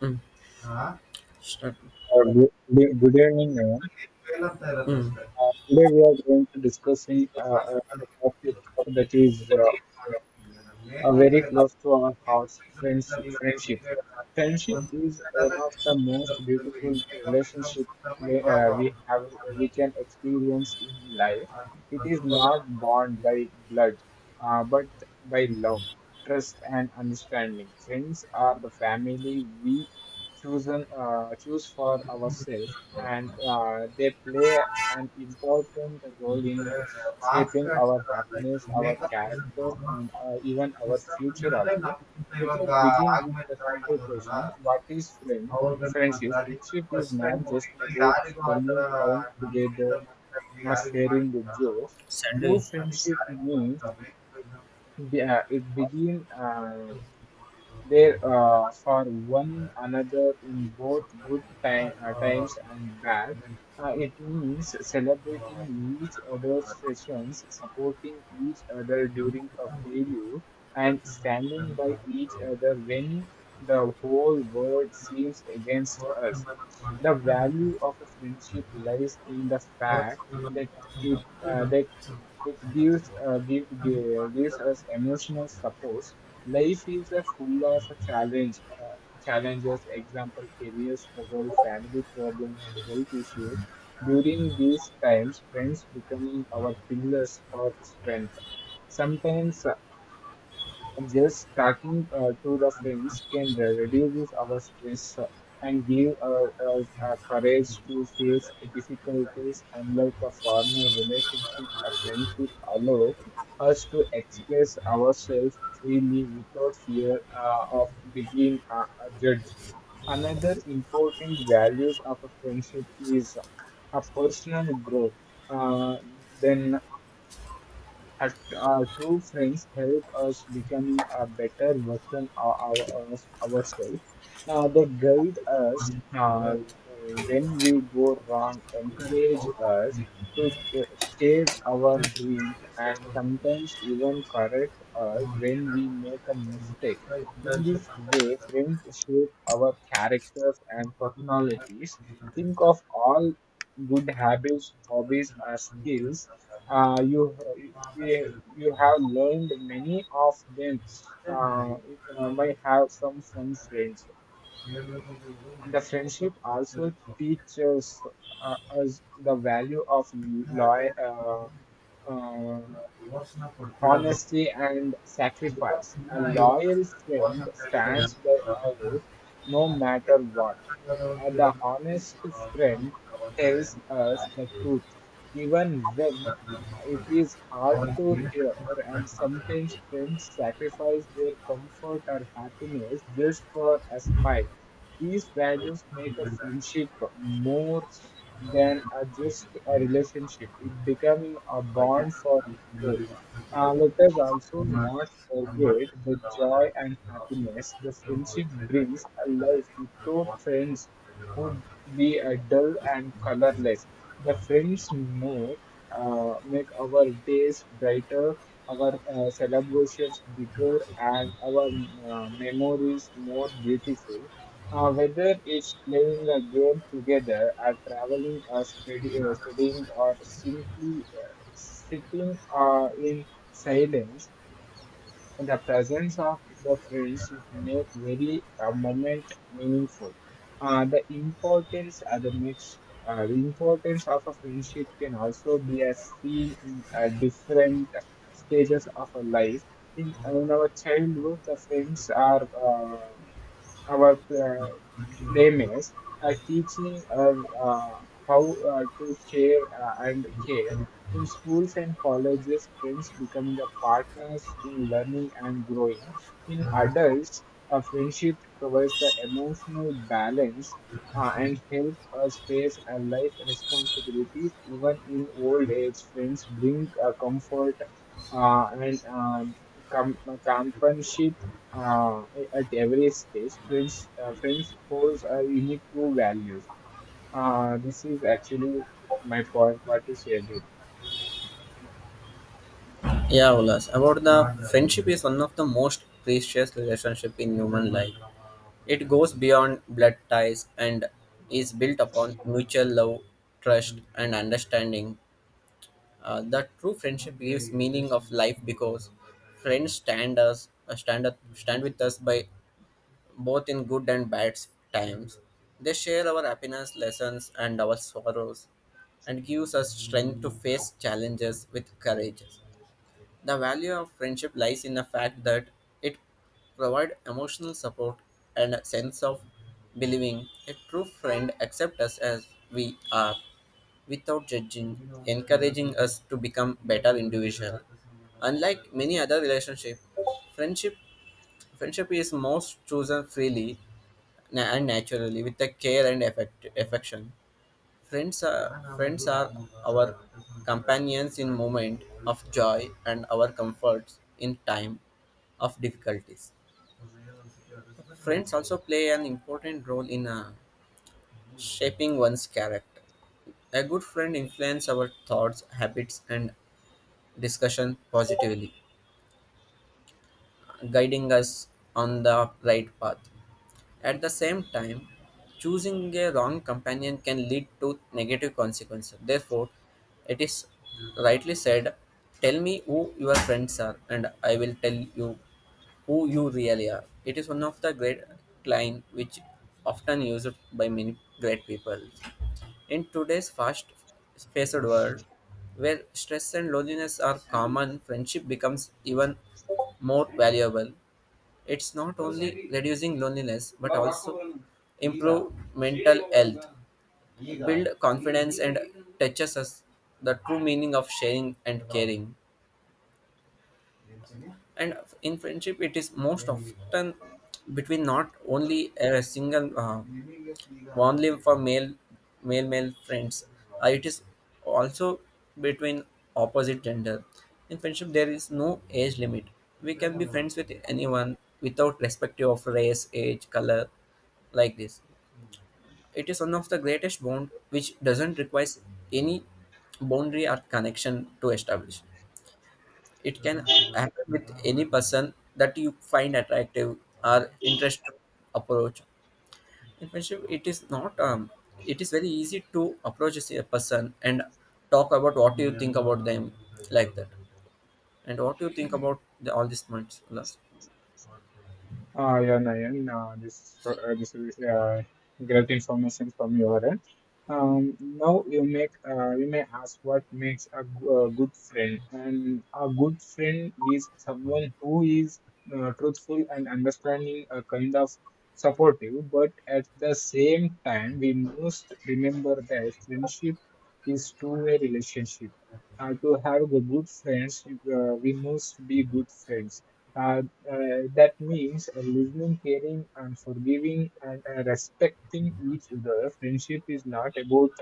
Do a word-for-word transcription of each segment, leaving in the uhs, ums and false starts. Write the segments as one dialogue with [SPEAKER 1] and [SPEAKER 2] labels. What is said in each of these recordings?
[SPEAKER 1] Mm, start.
[SPEAKER 2] Uh, good, good good evening, everyone.
[SPEAKER 1] Mm.
[SPEAKER 2] Uh, today we are going to discussing uh, a a topic that is uh, are very close to our hearts friends friendship friendship is one of the most beautiful relationship we, uh, we have we can experience in life it is not born by blood uh, but by love trust and understanding friends are the family we chosen uh, choose for ourselves and uh, they play and important role in shaping our happiness, our character, and uh, even our future also. Let us begin with the simple question: What is friend? Friendship. Friendship is not just about spending time together or sharing the jokes. True
[SPEAKER 1] Sunday.
[SPEAKER 2] friendship means be- uh, it begins there uh, for one another in both good time, uh, times and bad. Uh, it means celebrating each other's sessions, supporting each other during a failure, and standing by each other when the whole world seems against us. The value of a friendship lies in the fact that it uh, that it gives uh, give, gi- gives us emotional support. Life is uh, full of challenge, uh, challenges, example, career struggle, family problem, and health issues. During these times, friends becoming our pillars for strength. Sometimes just talking uh, to the friends can reduce our stress uh, and give uh, us uh, courage to face difficulties. Unlike a formal relationship, a friendship allows us to express ourselves freely without fear uh, of being uh, uh, judged. Another important values of a friendship is a personal growth. Uh, then her uh, true friends help us becoming a better version of, our, of ourselves. Uh, they guide us uh, when we go wrong, encourage us to ch- chase our dreams, and sometimes even correct us when we make a mistake. In this way, friends shape our characters and personalities. Think of all good habits, hobbies, or skills uh, you we, you have learned many of them. Uh, uh, might have come from friends. The friendship also teaches uh, us the value of loy- uh, uh, honesty and sacrifice. A loyal friend stands by us no matter what. Uh, the honest friend tells us the truth, even when it is hard to hear, and sometimes friends sacrifice their comfort or happiness just for a smile. These values make a friendship more than a just a relationship. It becoming a bond for soul. Uh, let us also not forget the joy and happiness the friendship brings. A life without friends would be uh, dull and colorless. The friends make uh, make our days brighter, our uh, celebrations bigger, and our uh, memories more beautiful. Uh, whether it's playing a game together, or traveling, or study, uh, studying, or simply uh, sitting uh, in silence, and the presence of the friends it make very uh, moment meaningful. Uh, the importance uh, the next uh, the importance of a friendship can also be as seen in uh, different stages of a life. In, in our childhood, the friends are uh, our uh, playmates are teaching us uh, how uh, to share uh, and care in schools and colleges friends becoming a partners in learning and growing in adults a friendship provides the emotional balance uh, and help us face our life responsibilities even in old age friends bring uh, comfort uh, and um, com- companionship uh, at every stage, friends, uh, friends holds a unique true value. Uh, this is actually my point. What to say, dude?
[SPEAKER 1] Yeah, Olas. About the friendship is one of the most precious relationship in human life. It goes beyond blood ties and is built upon mutual love, trust, and understanding. Uh, the true friendship gives meaning of life because friends stand us uh, stand up, stand with us by both in good and bad times. They share our happiness, lessons, and our sorrows, and gives us strength to face challenges with courage. The value of friendship lies in the fact that it provides emotional support and a sense of believing. A true friend accepts us as we are without judging, encouraging us to become better individuals. Unlike many other relationships, friendship friendship is most chosen freely na- and naturally with the care and affect, affection. Friends are, friends are our companions in moment of joy and our comforts in time of difficulties. Friends also play an important role in uh, shaping one's character. A good friend influences our thoughts, habits, and discussion positively, guiding us on the right path. At the same time, choosing a wrong companion can lead to negative consequences. Therefore, it is rightly said, "Tell me who your friends are, and I will tell you who you really are." It is one of the great line which often used by many great people. In today's fast paced world, where stress and loneliness are common, friendship becomes even more valuable. It's not only reducing loneliness but also improve mental health, build confidence, and teaches us the true meaning of sharing and caring. And in friendship, it is most often between not only a single uh, only for male male male friends. Uh, it is also between opposite gender. In friendship there is no age limit. We can be friends with anyone without respective of race, age, color, like this. It is one of the greatest bond which doesn't require any boundary or connection to establish. It can happen with any person that you find attractive or interested approach. In friendship, it is not um, it is very easy to approach a s- a person and talk about what you think about them, like that, and what you think about the, all these months.
[SPEAKER 2] Uh, yeah, Nayan, uh, this, uh, this is uh, great information from your end. Um, now you make uh, you may ask what makes a go- a good friend, and a good friend is someone who is uh, truthful and understanding, a kind of supportive. But at the same time, we must remember that friendship is two-way relationship. Uh, to have the good friends, uh, we must be good friends. Uh, uh, that means uh, listening, caring, and forgiving and uh, respecting each other. Friendship is not about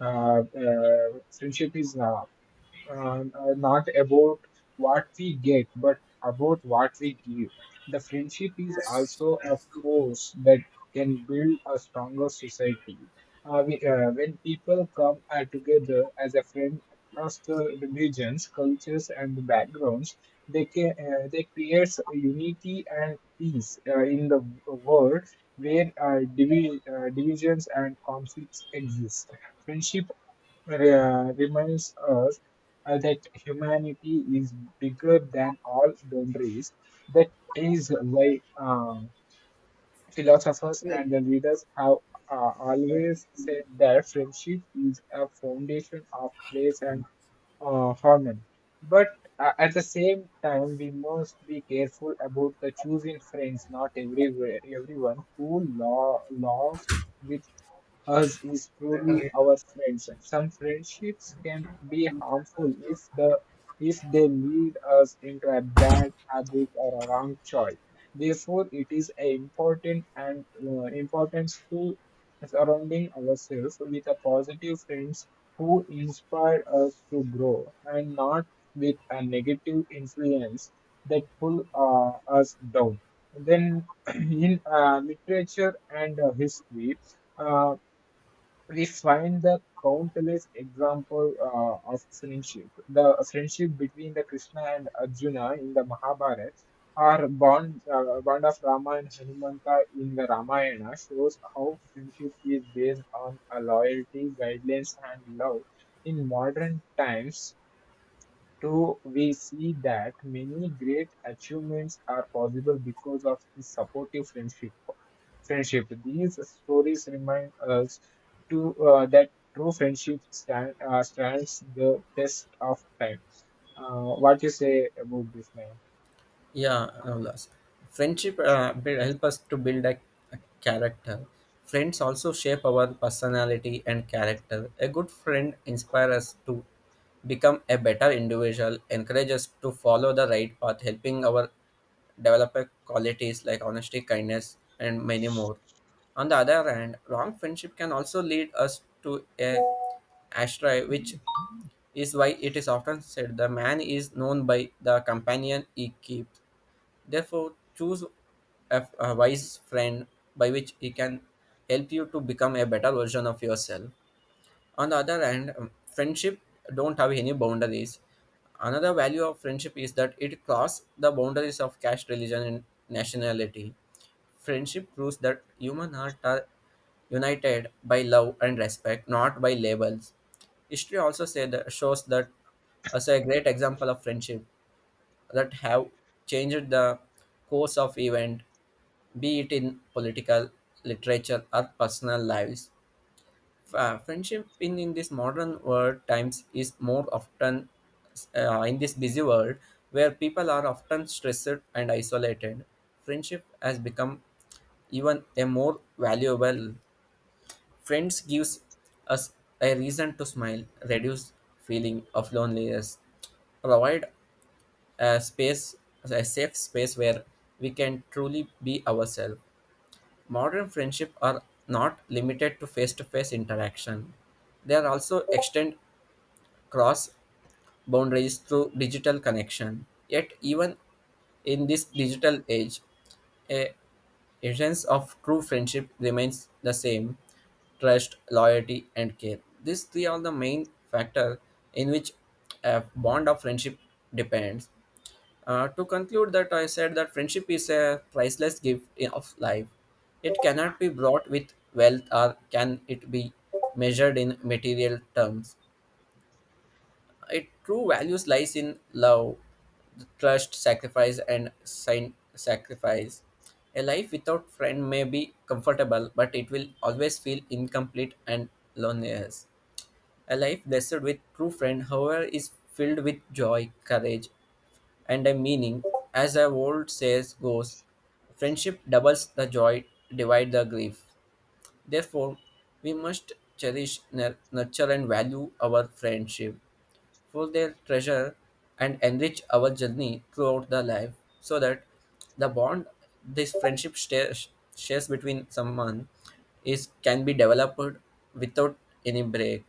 [SPEAKER 2] uh, uh, Friendship is not uh, uh, not about what we get, but about what we give. The friendship is also a force that can build a stronger society. Uh, we, uh, when people come uh, together as a friend across the religions, cultures, and backgrounds, they can uh, they create unity and peace uh, in the world where uh, divi- uh, divisions and conflicts exist. Friendship re- reminds us uh, that humanity is bigger than all boundaries. That is why uh, philosophers and the leaders have uh, always said that friendship is a foundation of place and uh, harmony. But uh, at the same time, we must be careful about the choosing friends. Not everywhere, everyone who lo- loves with us is truly our friends. Some friendships can be harmful if the if they lead us into a bad habit or a wrong choice. Therefore, it is a important and uh, importance to surrounding ourselves with a positive friends who inspire us to grow and not with a negative influence that pull uh, us down. Then in uh, literature and uh, history, uh, we find the countless example uh, of friendship. The friendship between the Krishna and Arjuna in the Mahabharata, or bond, uh, bond of Rama and Hanumanta in the Ramayana, shows how friendship is based on a loyalty, guidelines, and love. In modern times, so we see that many great achievements are possible because of the supportive friendship. Friendship. These stories remind us to uh, that true friendship stand, uh, stands the test of time. Uh, what you say about this, man?
[SPEAKER 1] Yeah, no loss. Friendship uh, build, help us to build a, a character. Friends also shape our personality and character. A good friend inspires us to become a better individual, encourage us to follow the right path, helping our develop a qualities like honesty, kindness, and many more. On the other hand, wrong friendship can also lead us to a astray, which is why it is often said the man is known by the companion he keeps. Therefore, choose a, a wise friend by which he can help you to become a better version of yourself. On the other hand, um, friendship don't have any boundaries. Another value of friendship is that it crosses the boundaries of caste, religion, and nationality. Friendship proves that human hearts are united by love and respect, not by labels. History also say that shows that as a great example of friendship that have changed the course of event, be it in political, literature, or personal lives. Uh, friendship in, in this modern world times is more often uh, in this busy world where people are often stressed and isolated. Friendship has become even a more valuable. Friends gives us a reason to smile, reduce feeling of loneliness, provide a space, a safe space where we can truly be ourselves. Modern friendship are not limited to face-to-face interaction. They are also extend cross boundaries through digital connection. Yet even in this digital age, a essence of true friendship remains the same: trust, loyalty, and care. These three are the main factor in which a bond of friendship depends. Uh, to conclude that I said that friendship is a priceless gift i- of life. It cannot be bought with wealth or can it be measured in material terms. Its true values lies in love, trust, sacrifice and sign sacrifice. A life without friend may be comfortable but it will always feel incomplete and loneliness. A life blessed with true friend however is filled with joy, courage and a meaning. As the old says goes, friendship doubles the joy, divide the grief. Therefore, we must cherish, nur- nurture, and value our friendship for their treasure and enrich our journey throughout the life, so that the bond this friendship shares, shares between someone is can be developed without any break.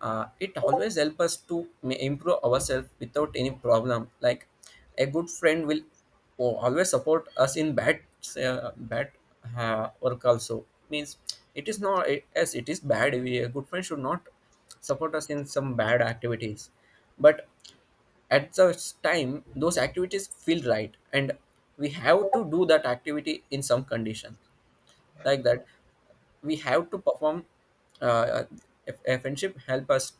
[SPEAKER 1] Uh, it always helps us to ma- improve ourselves without any problem, like a good friend will o- always support us in bad uh, bad uh, work. Also means it is not it- as it is bad we, a good friend should not support us in some bad activities, but at such time those activities feel right and we have to do that activity in some condition, like that we have to perform. Uh, if a friendship help us,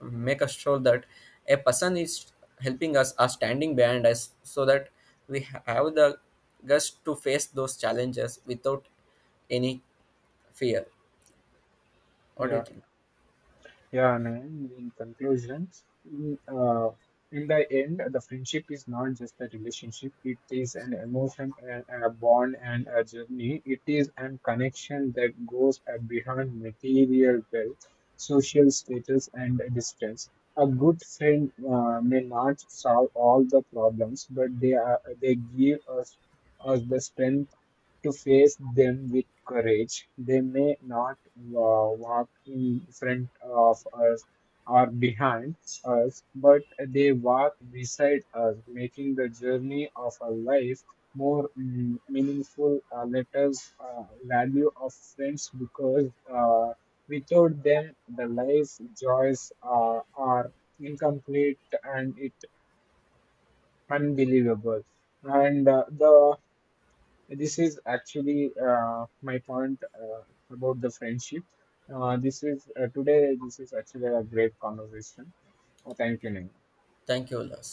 [SPEAKER 1] make us sure that a person is helping us are standing behind us, so that we have the guts to face those challenges without any fear. What do
[SPEAKER 2] Yeah.
[SPEAKER 1] you think?
[SPEAKER 2] Yeah, man. In conclusion, in, uh, in the end, the friendship is not just a relationship. It is an emotion and a bond and a journey. It is an connection that goes uh, beyond material wealth, social status, and distance. A good friend uh, may not solve all the problems, but they are they give us us the strength to face them with courage. They may not wa- walk in front of us or behind us, but they walk beside us, making the journey of our life more mm, meaningful. Uh, let us uh, value of friends because uh, without them, the life joys uh, are incomplete and it unbelievable and uh, the this is actually uh, my point uh, about the friendship. Uh, this is uh, today. This is actually a great conversation. Uh, thank you, Nehal.
[SPEAKER 1] Thank you, Ulas.